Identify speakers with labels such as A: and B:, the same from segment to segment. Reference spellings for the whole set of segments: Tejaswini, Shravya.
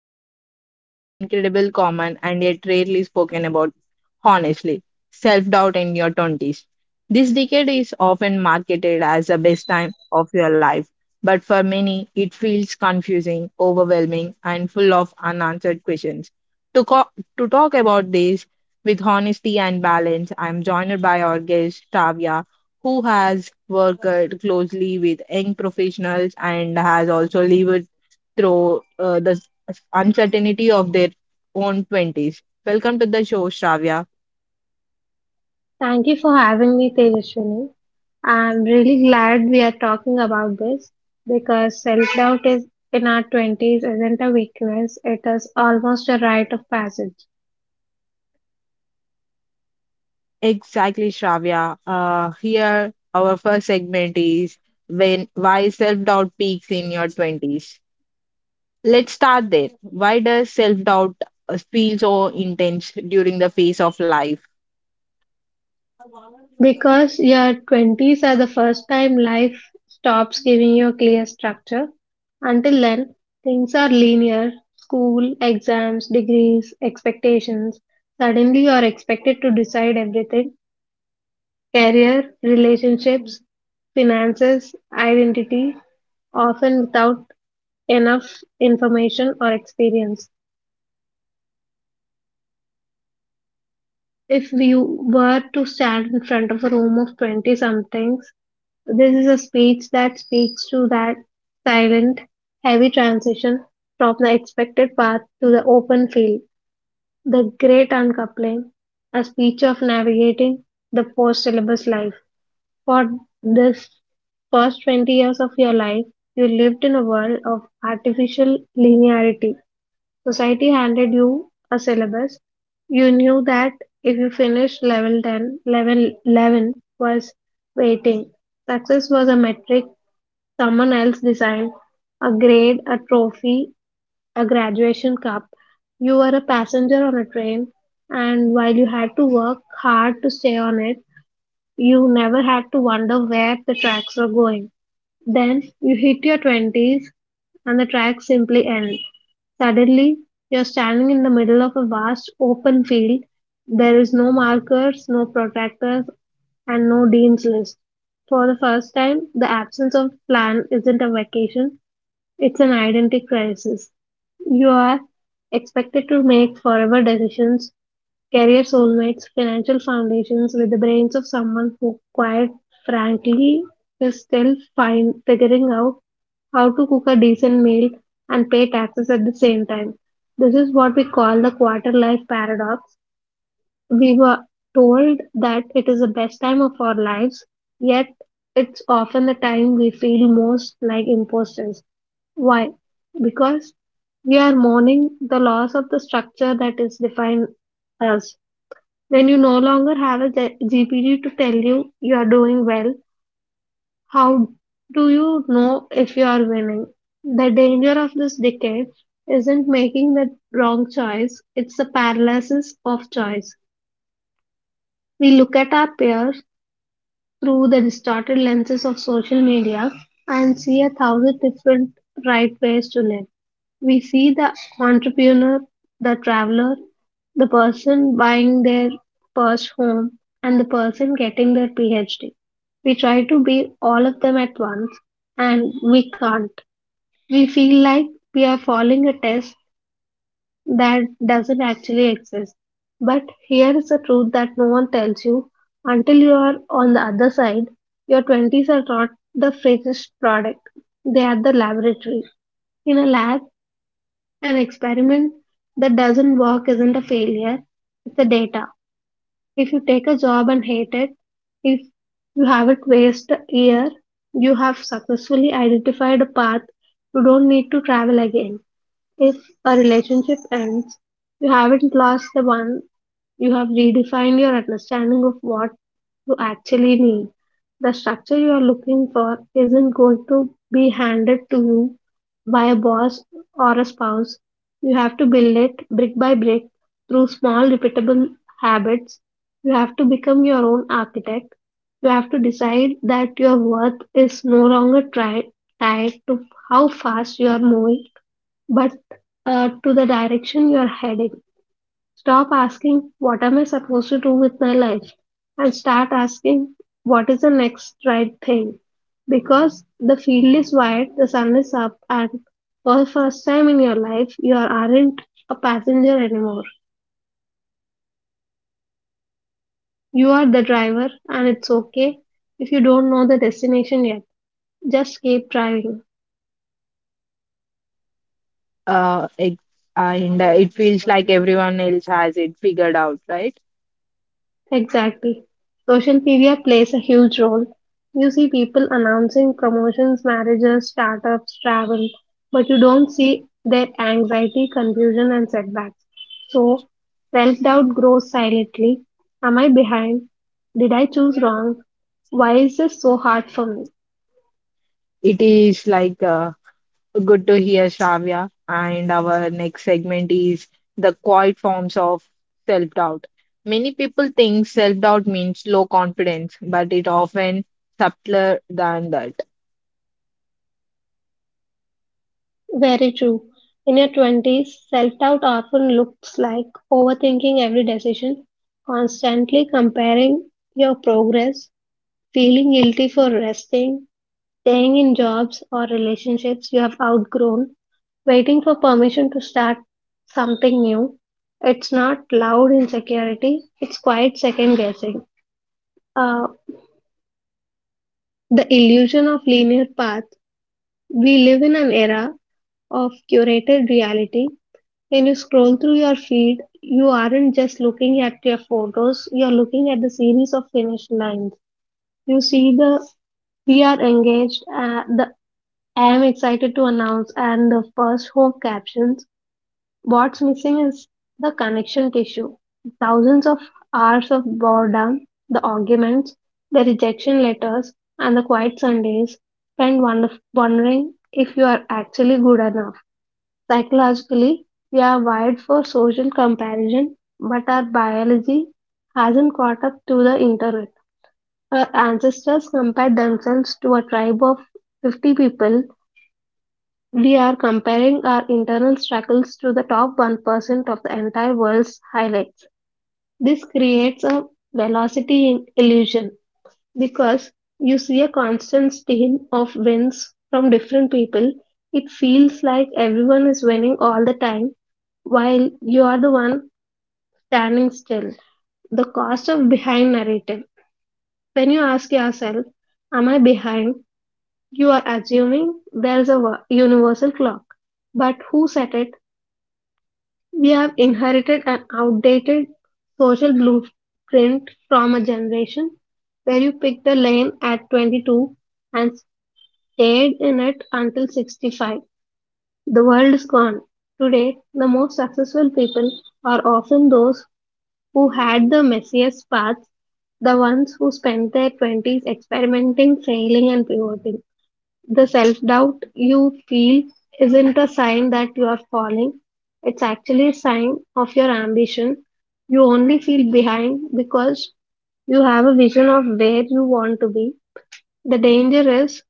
A: deeply personal, incredible, common, and yet rarely spoken about honestly: self doubt in your 20s. This decade is often marketed as the best time of your life, but for many, it feels confusing, overwhelming, and full of unanswered questions. To, co- to talk about this with honesty and balance, I'm joined by our guest, Tavia, who has worked closely with young professionals and has also lived through the uncertainty of their own 20s. Welcome to the show, Shravya.
B: Thank you for having me, Tejaswini. I'm really glad we are talking about this because self doubt is in our 20s isn't a weakness, it is almost a rite of passage.
A: Exactly, Shravya. Here, our first segment is when why self-doubt peaks in your 20s. Let's start there. Why does self-doubt feel so intense during the phase of life?
B: Because your 20s are the first time life stops giving you a clear structure. Until then, things are linear school, exams, degrees, expectations. Suddenly, you are expected to decide everything. Career, relationships, finances, identity, often without enough information or experience. If we were to stand in front of a room of 20 somethings, this is a speech that speaks to that silent, heavy transition from the expected path to the open field, the great uncoupling, a speech of navigating the post syllabus life. For this first 20 years of your life, you lived in a world of artificial linearity. Society handed you a syllabus. You knew that if you finished level 10, level 11 was waiting. Success was a metric someone else designed, a grade, a trophy, a graduation cup. You were a passenger on a train, and while you had to work hard to stay on it, you never had to wonder where the tracks were going. Then you hit your 20s and the tracks simply end. Suddenly, you're standing in the middle of a vast open field. There is no markers, no protractors, and no dean's list. For the first time, the absence of plan isn't a vacation, it's an identity crisis. You are expected to make forever decisions. Career soulmates, financial foundations with the brains of someone who, quite frankly, is still fine figuring out how to cook a decent meal and pay taxes at the same time. This is what we call the quarter life paradox. We were told that it is the best time of our lives, yet it's often the time we feel most like imposters. Why? Because we are mourning the loss of the structure that is defined us. When you no longer have a GPD to tell you you are doing well, how do you know if you are winning? The danger of this decade isn't making the wrong choice, it's the paralysis of choice. We look at our peers through the distorted lenses of social media and see a thousand different right ways to live. We see the entrepreneur, the traveler, the person buying their first home, and the person getting their PhD. We try to be all of them at once and we can't. We feel like we are following a test that doesn't actually exist. But here is a truth that no one tells you until you are on the other side. Your 20s are not the finished product, they are the laboratory. In a lab, an experiment that doesn't work isn't a failure, it's the data. If you take a job and hate it, if you haven't wasted a year, you have successfully identified a path you don't need to travel again. If a relationship ends, you haven't lost the one, you have redefined your understanding of what you actually need. The structure you are looking for isn't going to be handed to you by a boss or a spouse. You have to build it brick by brick through small, repeatable habits. You have to become your own architect. You have to decide that your worth is no longer tied to how fast you are moving but to the direction you are heading. Stop asking, what am I supposed to do with my life? And start asking, what is the next right thing? Because the field is wide, the sun is up, and for the first time in your life, aren't a passenger anymore. You are the driver, and it's okay if you don't know the destination yet. Just keep driving.
A: Uh, ex- and it feels like everyone else has it figured out, right?
B: Exactly. Social media plays a huge role. You see people announcing promotions, marriages, startups, travel, but you don't see their anxiety, confusion, and setbacks. So self doubt grows silently. Am I behind? Did I choose wrong? Why is this so hard for me?
A: It is like good to hear, Shravya. And our next segment is the quiet forms of self doubt. Many people think self doubt means low confidence, but it often subtler than that.
B: Very true. In your 20s, self doubt often looks like overthinking every decision, constantly comparing your progress. Feeling guilty for resting, staying in jobs or relationships you have outgrown, waiting for permission to start something new. It's not loud insecurity, it's quiet second guessing. Uh, the illusion of linear path. We live in an era of curated reality. When you scroll through your feed, you aren't just looking at your photos, you're looking at the series of finished lines. You see the we are engaged, the I am excited to announce and the first home captions. What's missing is the connection tissue. Thousands of hours of boredom, the arguments, the rejection letters, and the quiet Sundays spent wondering if you are actually good enough. Psychologically, we are wired for social comparison, but our biology hasn't caught up to the internet. Our ancestors compared themselves to a tribe of 50 people. We are comparing our internal struggles to the top 1% of the entire world's highlights. This creates a velocity illusion because you see a constant stream of wins from different people. It feels like everyone is winning all the time while you are the one standing still. The cost of behind narrative. When you ask yourself, am I behind? You are assuming there is a universal clock. But who set it? We have inherited an outdated social blueprint from a generation where you picked a lane at 22 and stayed in it until 65. The world is gone. Today, the most successful people are often those who had the messiest paths, the ones who spent their 20s experimenting, failing, and pivoting. The self doubt you feel isn't a sign that you are falling, it's actually a sign of your ambition. You only feel behind because you have a vision of where you want to be. The danger is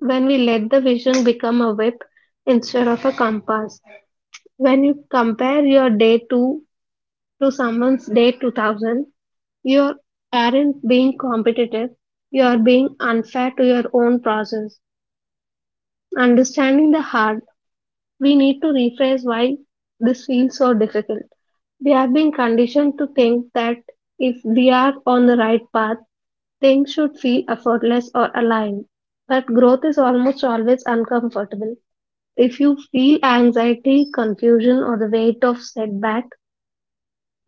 B: when we let the vision become a whip instead of a compass. When you compare your day two to someone's day 2000, you aren't being competitive, you are being unfair to your own process. Understanding the hard. We need to rephrase why this feels so difficult. We have been conditioned to think that if we are on the right path, things should feel effortless or aligned. But growth is almost always uncomfortable. If you feel anxiety, confusion, or the weight of setback,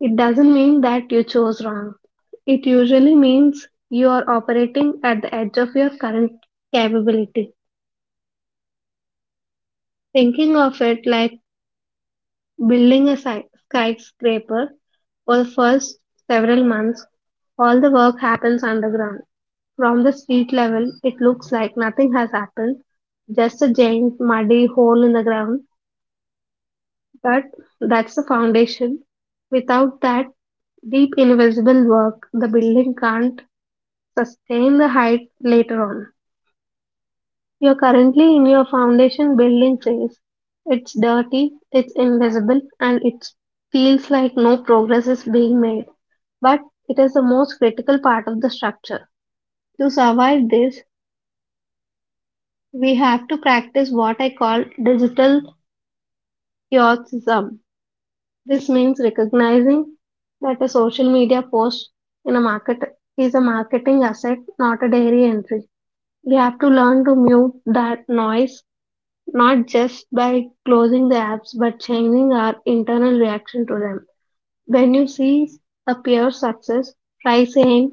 B: it doesn't mean that you chose wrong. It usually means you are operating at the edge of your current capability. Thinking of it like building a skyscraper for the first several months, all the work happens underground. From the street level, it looks like nothing has happened, just a giant muddy hole in the ground. But that's the foundation. Without that deep invisible work, the building can't sustain the height later on. You're currently in your foundation building phase. It's dirty, it's invisible, and it feels like no progress is being made, but it is the most critical part of the structure. To survive this, we have to practice what I call digital heroism. This means recognizing that a social media post in a market is a marketing asset, not a dairy entry. We have to learn to mute that noise, not just by closing the apps, but changing our internal reaction to them. When you see a peer success, try saying,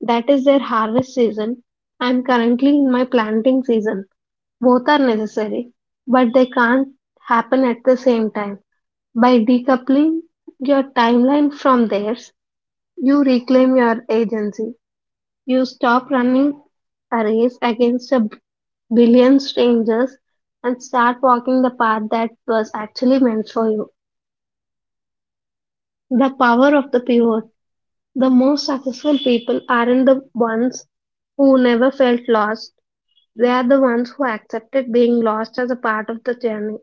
B: that is their harvest season. I am currently in my planting season. Both are necessary, but they can't happen at the same time. By decoupling your timeline from theirs, you reclaim your agency. You stop running a race against a billion strangers and start walking the path that was actually meant for you. The power of the pivot. The most successful people aren't the ones who never felt lost. They are the ones who accepted being lost as a part of the journey.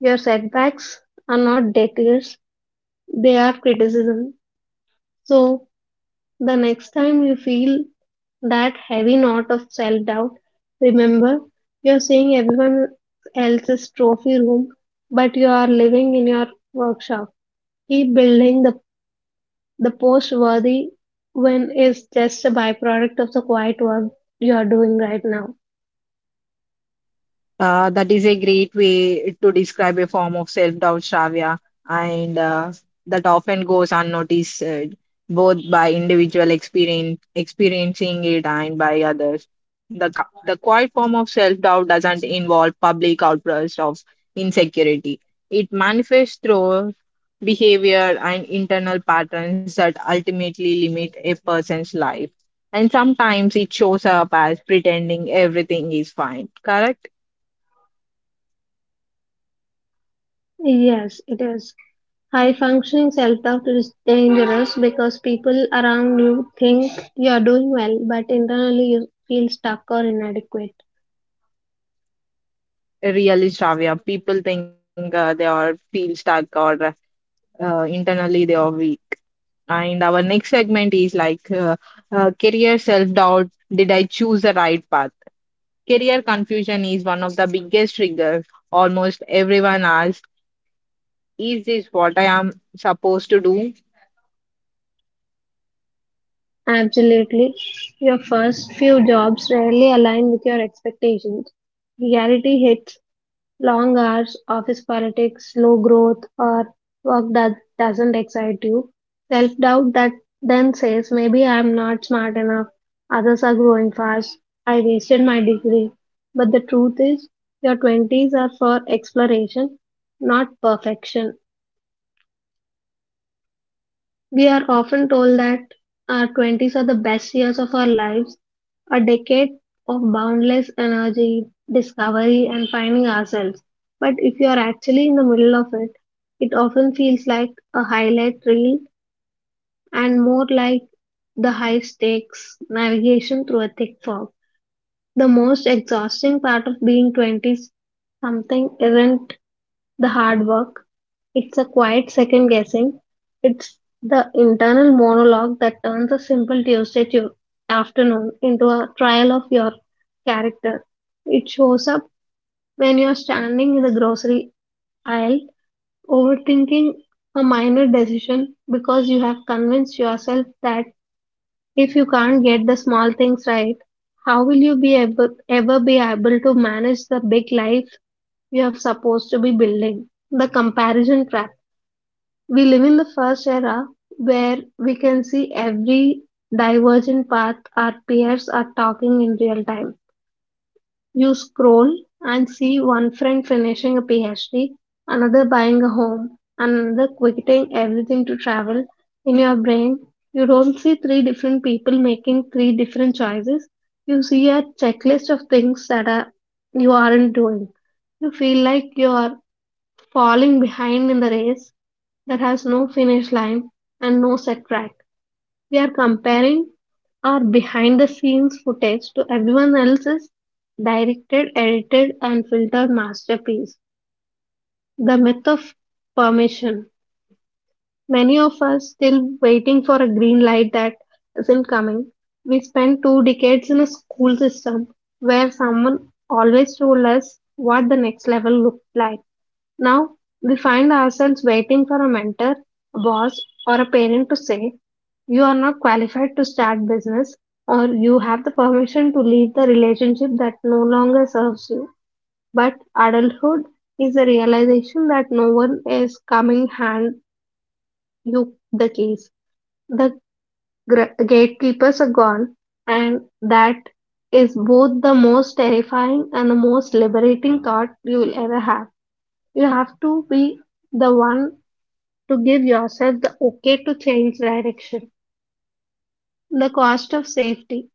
B: Your setbacks are not detours, they are criticism. So, the next time you feel that heavy knot of self doubt, remember you're seeing everyone else's trophy room, but you are living in your workshop. Keep building. The post worthy win is just a byproduct of the quiet work you are doing right now.
A: That is a great way to describe a form of self-doubt, Shravya, and that often goes unnoticed both by individual experience experiencing it and by others. The quiet form of self-doubt doesn't involve public outbursts of insecurity. It manifests through behavior and internal patterns that ultimately limit a person's life. And sometimes it shows up as pretending everything is fine. Correct?
B: Yes, it is. High-functioning self-doubt is dangerous because people around you think you are doing well, but internally you feel stuck or inadequate.
A: Really, Shravya, people think they are feel stuck or internally they are weak. And our next segment is like career self-doubt. Did I choose the right path? Career confusion is one of the biggest triggers. Almost everyone asks, "Is this what I am supposed to do?"
B: Absolutely. Your first few jobs rarely align with your expectations. Reality hits. Long hours, office politics, slow growth, or work that doesn't excite you. Self doubt that then says, maybe I'm not smart enough, others are growing fast, I wasted my degree. But the truth is, your 20s are for exploration, not perfection. We are often told that our 20s are the best years of our lives, a decade of boundless energy, discovery, and finding ourselves. But if you are actually in the middle of it, it often feels like a highlight reel and more like the high stakes navigation through a thick fog. The most exhausting part of being 20 something isn't the hard work. It's a quiet second guessing. It's the internal monologue that turns a simple afternoon into a trial of your character. It shows up when you're standing in the grocery aisle overthinking a minor decision because you have convinced yourself that if you can't get the small things right, how will you ever be able to manage the big life you are supposed to be building? The comparison trap. We live in the first era where we can see every divergent path our peers are talking in real time. You scroll and see one friend finishing a PhD, another buying a home, another quitting everything to travel. In your brain, you don't see three different people making three different choices. You see a checklist of things that are you aren't doing. You feel like you are falling behind in the race that has no finish line and no set track. We are comparing our behind the scenes footage to everyone else's directed, edited, and filtered masterpiece. The myth of permission. Many of us still waiting for a green light that isn't coming. We spent two decades in a school system where someone always told us what the next level looked like. Now we find ourselves waiting for a mentor, a boss, or a parent to say, "You are not qualified to start business," or "you have the permission to leave the relationship that no longer serves you." But adulthood is the realization that no one is coming hand you the keys. The gatekeepers are gone, and that is both the most terrifying and the most liberating thought you will ever have. You have to be the one to give yourself the okay to change direction. The cost of safety.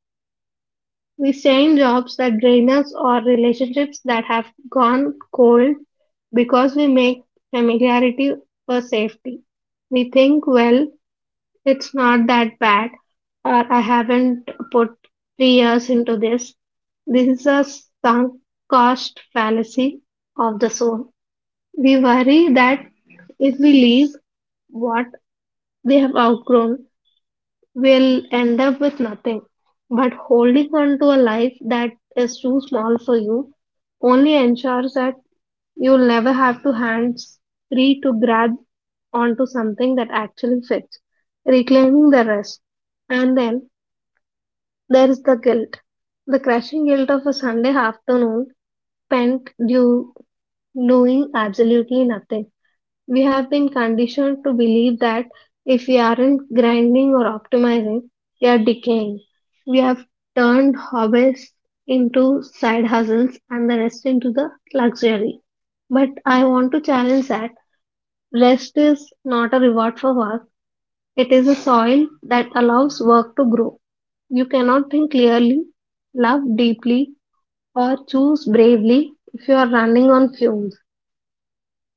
B: We stay in jobs that drain us or relationships that have gone cold because we make familiarity for safety. We think, well, it's not that bad, or I haven't put 3 years into this. This is a sunk cost fallacy of the soul. We worry that if we leave what we have outgrown, will end up with nothing. But holding on to a life that is too small for you only ensures that you'll never have to hands free to grab onto something that actually fits, reclaiming the rest. And then there is the guilt, the crushing guilt of a Sunday afternoon spent do, doing absolutely nothing. We have been conditioned to believe that if we aren't grinding or optimizing, we are decaying. We have turned hobbies into side hustles and the rest into the luxury. But I want to challenge that rest is not a reward for work, it is a soil that allows work to grow. You cannot think clearly, love deeply, or choose bravely if you are running on fumes.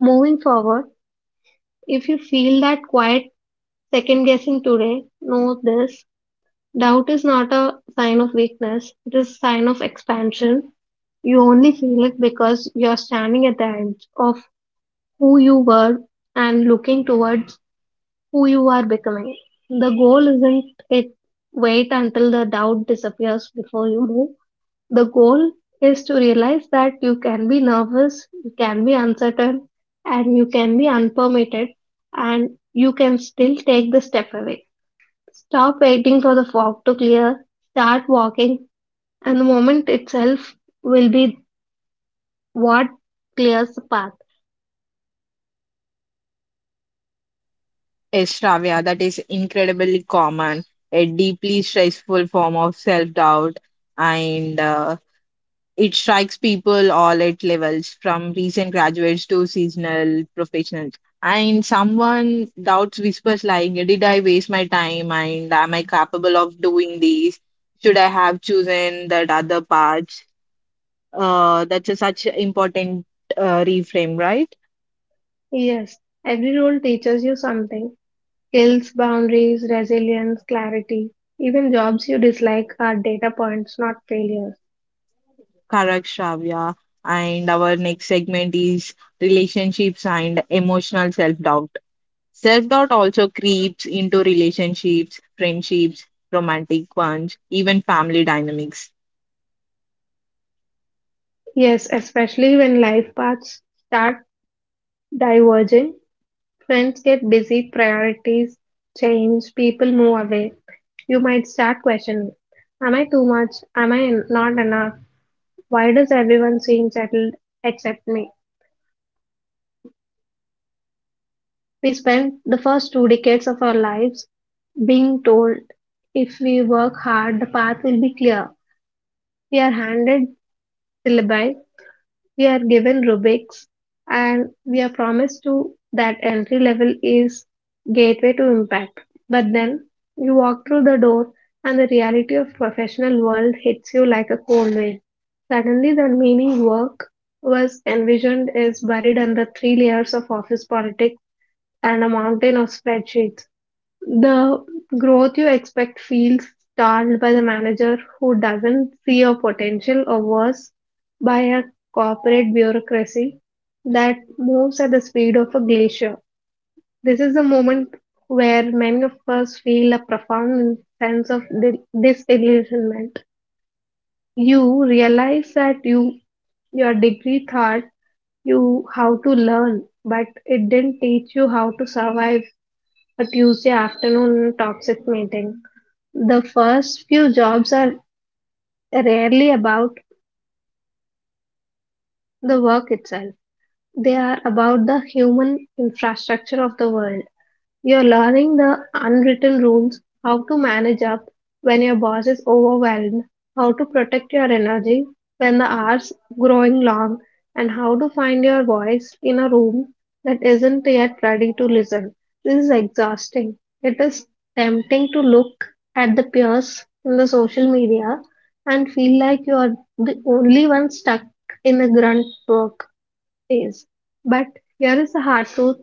B: Moving forward, if you feel that quiet second guessing today, know this doubt is not a sign of weakness, it is a sign of expansion. You only feel it because you're standing at the edge of who you were and looking towards who you are becoming. The goal isn't it wait until the doubt disappears before you move. The goal is to realize that you can be nervous, you can be uncertain, and you can be unpermitted, and you can still take the step away. Stop waiting for the fog to clear, start walking, and the moment itself will be what clears the path.
A: Yes, Shravya, that is incredibly common, a deeply stressful form of self-doubt, and it strikes people all at levels, from recent graduates to seasonal professionals. And someone doubts whispers like, "Did I waste my time? And am I capable of doing these? Should I have chosen that other path?" That's a such important reframe, right?
B: Yes, every role teaches you something: skills, boundaries, resilience, clarity. Even jobs you dislike are data points, not failures.
A: Correct, Shravya. And our next segment is relationships and emotional self doubt. Self doubt also creeps into relationships, friendships, romantic ones, even family dynamics.
B: Yes, especially when life paths start diverging, friends get busy, priorities change, people move away. You might start questioning, "Am I too much? Am I not enough? Why does everyone seem settled except me?" We spent the first two decades of our lives being told if we work hard, the path will be clear. We are handed syllabi, we are given rubrics, and we are promised to that entry level is gateway to impact. But then you walk through the door and the reality of professional world hits you like a cold wave. Suddenly the meaning work was envisioned is buried under three layers of office politics and a mountain of spreadsheets. The growth you expect feels stalled by the manager who doesn't see your potential, or worse, by a corporate bureaucracy that moves at the speed of a glacier. This is the moment where many of us feel a profound sense of disillusionment. You realize that you your degree taught you how to learn, but it didn't teach you how to survive a Tuesday afternoon toxic meeting. The first few jobs are rarely about the work itself. They are about the human infrastructure of the world. You're learning the unwritten rules, how to manage up when your boss is overwhelmed, how to protect your energy when the hours growing long, and how to find your voice in a room that isn't yet ready to listen. This is exhausting. It is tempting to look at the peers in the social media and feel like you are the only one stuck in the grunt work phase. But here is the hard truth: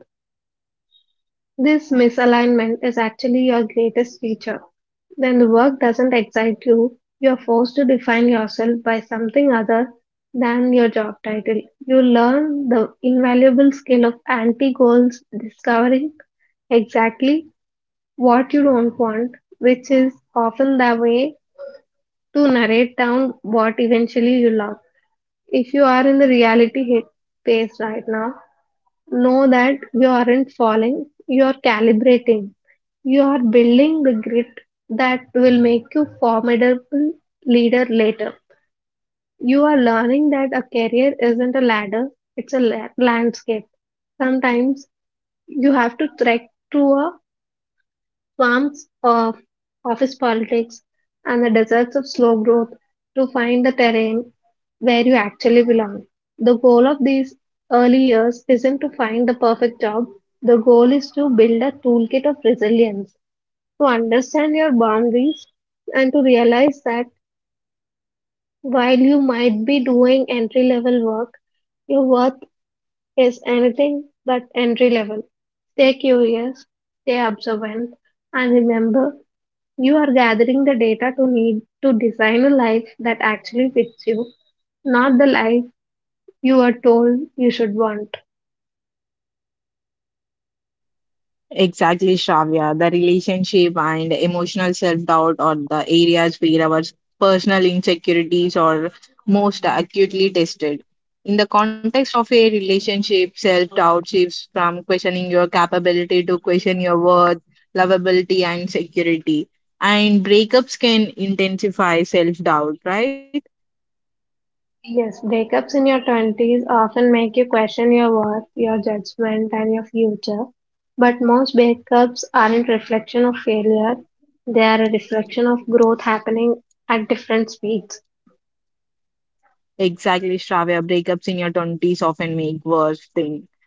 B: this misalignment is actually your greatest teacher. When the work doesn't excite you, you're forced to define yourself by something other than your job title. You learn the invaluable skill of anti goals, discovering exactly what you don't want, which is often the way to narrate down what eventually you love. If you are in the reality hit phase right now, know that you aren't falling, you are calibrating. You are building the grit that will make you formidable leader later. You are learning that a career isn't a ladder, it's a landscape. Sometimes you have to trek through a swamps of office politics, and the deserts of slow growth to find the terrain where you actually belong. The goal of these early years isn't to find the perfect job, the goal is to build a toolkit of resilience, to understand your boundaries, and to realize that while you might be doing entry level work, your worth is anything but entry level. Stay curious, stay observant, and remember you are gathering the data to need to design a life that actually fits you, not the life you were told you should want.
A: Exactly, Shravya. The relationship and emotional self doubt are the areas where our personal insecurities are most acutely tested. In the context of a relationship, self doubt shifts from questioning your capability to question your worth, lovability, and security. And breakups can intensify self doubt, right?
B: Yes, breakups in your 20s often make you question your worth, your judgment, and your future. But most breakups aren't reflection of failure. They are a reflection of growth happening at different speeds.
A: Exactly, Shravya. Breakups in your 20s often make worse thing.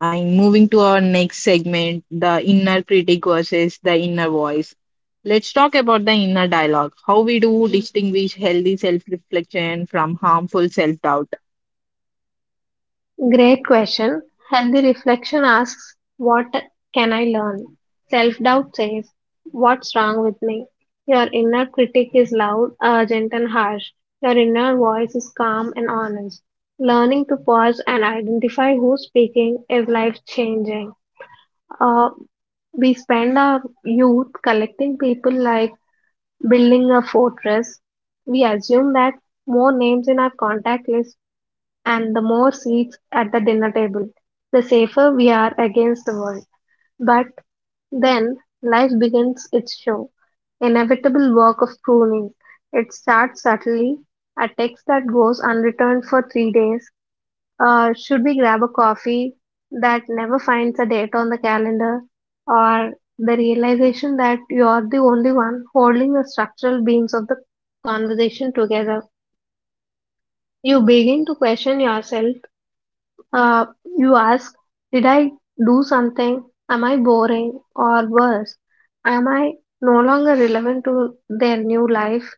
A: Am moving to our next segment, the inner critic versus the inner voice. Let's talk about the inner dialogue, how we do distinguish healthy self-reflection from harmful self-doubt.
B: Great question. Healthy reflection asks, "What can I learn?" Self doubt says, "What's wrong with me?" Your inner critic is loud, urgent, and harsh. Your inner voice is calm and honest. Learning to pause and identify who's speaking is life changing. Uh, we spend our youth collecting people like building a fortress. We assume that more names in our contact list and the more seats at the dinner table, the safer we are against the world. But then life begins its show, inevitable work of pruning. It starts subtly, a text that goes unreturned for 3 days. Should we grab a coffee that never finds a date on the calendar? Or the realization that you're the only one holding the structural beams of the conversation together. You begin to question yourself uh, you ask, "Did I do something? Am I boring? Or worse, am I no longer relevant to their new life?"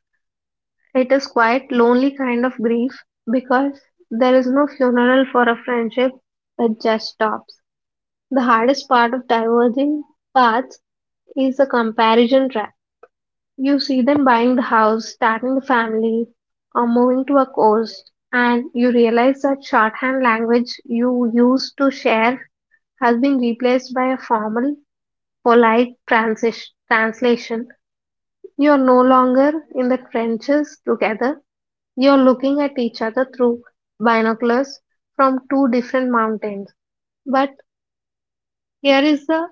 B: It is quite lonely kind of grief because there is no funeral for a friendship, it just stops. The hardest part of diverging paths is the comparison trap. You see them buying the house, starting the family, or moving to a coast, and you realize that shorthand language you used to share has been replaced by a formal, polite translation. You're no longer in the trenches together, you're looking at each other through binoculars from two different mountains. But here is the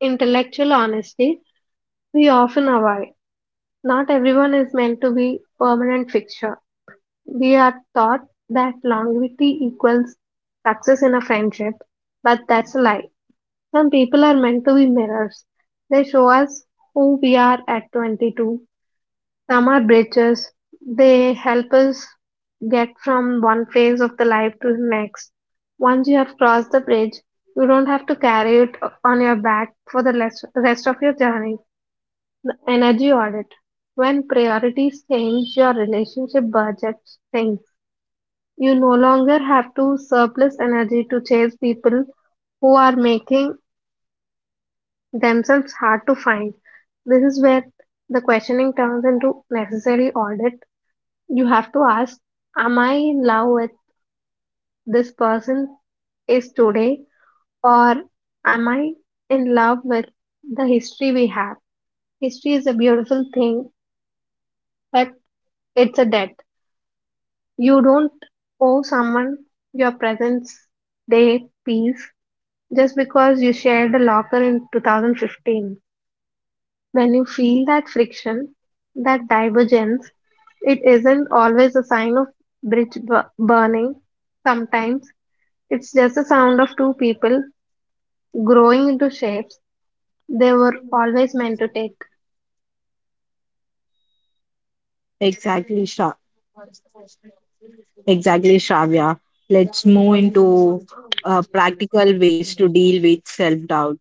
B: intellectual honesty we often avoid. Not everyone is meant to be permanent fixture. We are taught that longevity equals success in a friendship, but that's a lie. Some people are meant to be mirrors. They show us who we are at 22. Some are bridges. They help us get from one phase of the life to the next. Once you have crossed the bridge, you don't have to carry it on your back for the rest of your journey. The energy audit. When priorities change, your relationship budget sinks. You no longer have to surplus energy to chase people who are making themselves hard to find. This is where the questioning turns into necessary audit. You have to ask, "Am I in love with this person is today, or am I in love with the history we have?" History is a beautiful thing, but it's a debt. You don't owe someone your presence, day, peace just because you shared a locker in 2015. When you feel that friction, that divergence, it isn't always a sign of burning. Sometimes it's just a sound of two people growing into shapes they were always meant to take.
A: Exactly, Shra- exactly, Shravya. Let's move into practical ways to deal with self-doubt.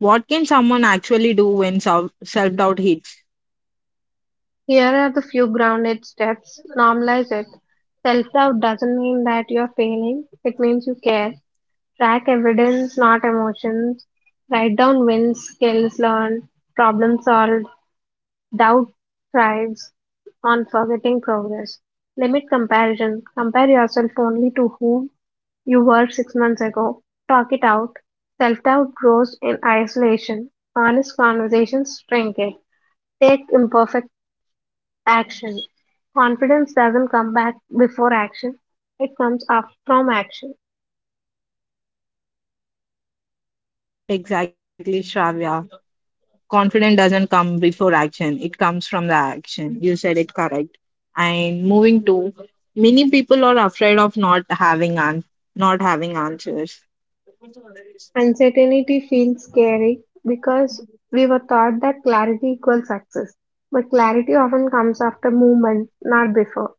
A: What can someone actually do when self-doubt hits?
B: Here are the few grounded steps. Normalize it. Self doubt doesn't mean that you're failing, it means you care. Track evidence, not emotions. Write down wins, skills learned, problem solved. Doubt thrives on forgetting progress. Limit comparison. Compare yourself only to whom you were 6 months ago. Talk it out. Self doubt grows in isolation. Honest conversations shrink it. Take imperfect action. Confidence doesn't come back before action, it comes up from action.
A: Exactly, Shravya. Confidence doesn't come before action, it comes from the action, you said it correct. And moving to, many people are afraid of not having answers.
B: Uncertainty feels scary because we were taught that clarity equals success. But clarity often comes after movement, not before.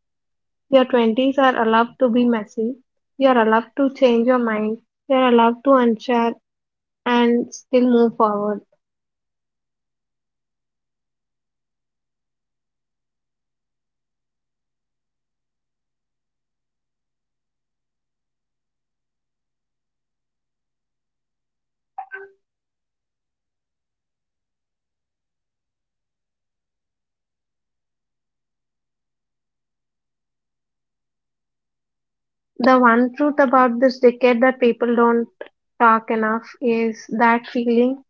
B: Your 20s are allowed to be messy. You're allowed to change your mind. You're allowed to unsure and still move forward. The one truth about this decade that people don't talk enough is that feeling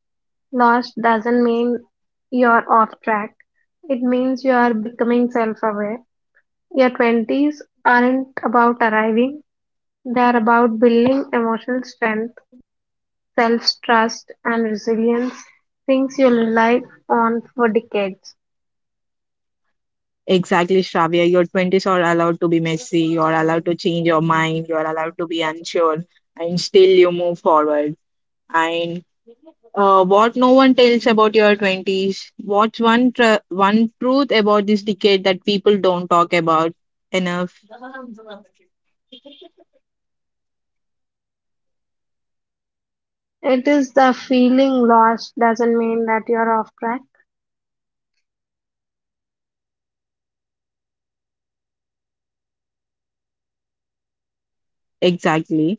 B: lost doesn't mean you're off track. It means you're becoming self aware. Your 20s aren't about arriving, they're about building emotional strength, self trust, and resilience, things you'll rely on for decades.
A: Exactly, shravya, your 20s are allowed to be messy, you are allowed to change your mind, you are allowed to be unsure and still you move forward. And what no one tells about your 20s, one truth about this decade that people don't talk about enough?
B: It is the feeling lost doesn't mean that you're off track.
A: Exactly,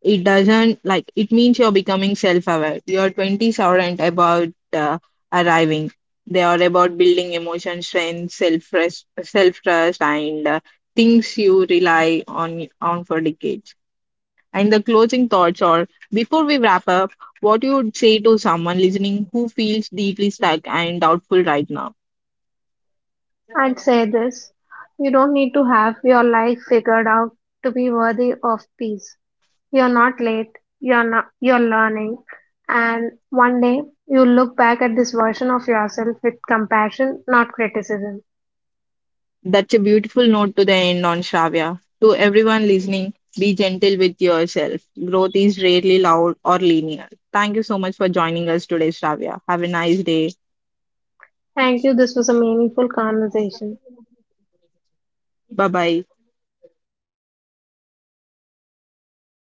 A: it doesn't like it means you're becoming self-aware. Your 20s aren't about uh, arriving, they are about building emotion strength, self-trust, and things you rely on for decades. And the closing thoughts are, before we wrap up, what you would say to someone listening who feels deeply stuck and doubtful right now?
B: I'd say this: you don't need to have your life figured out to be worthy of peace. You're not late, you're, not, you're learning, and one day you look back at this version of yourself with compassion, not criticism.
A: That's a beautiful note to the end on, Shravya. To everyone listening, be gentle with yourself. Growth is rarely loud or linear. Thank you so much for joining us today, Shravya. Have a nice day.
B: Thank you. This was a meaningful conversation.
A: Bye bye.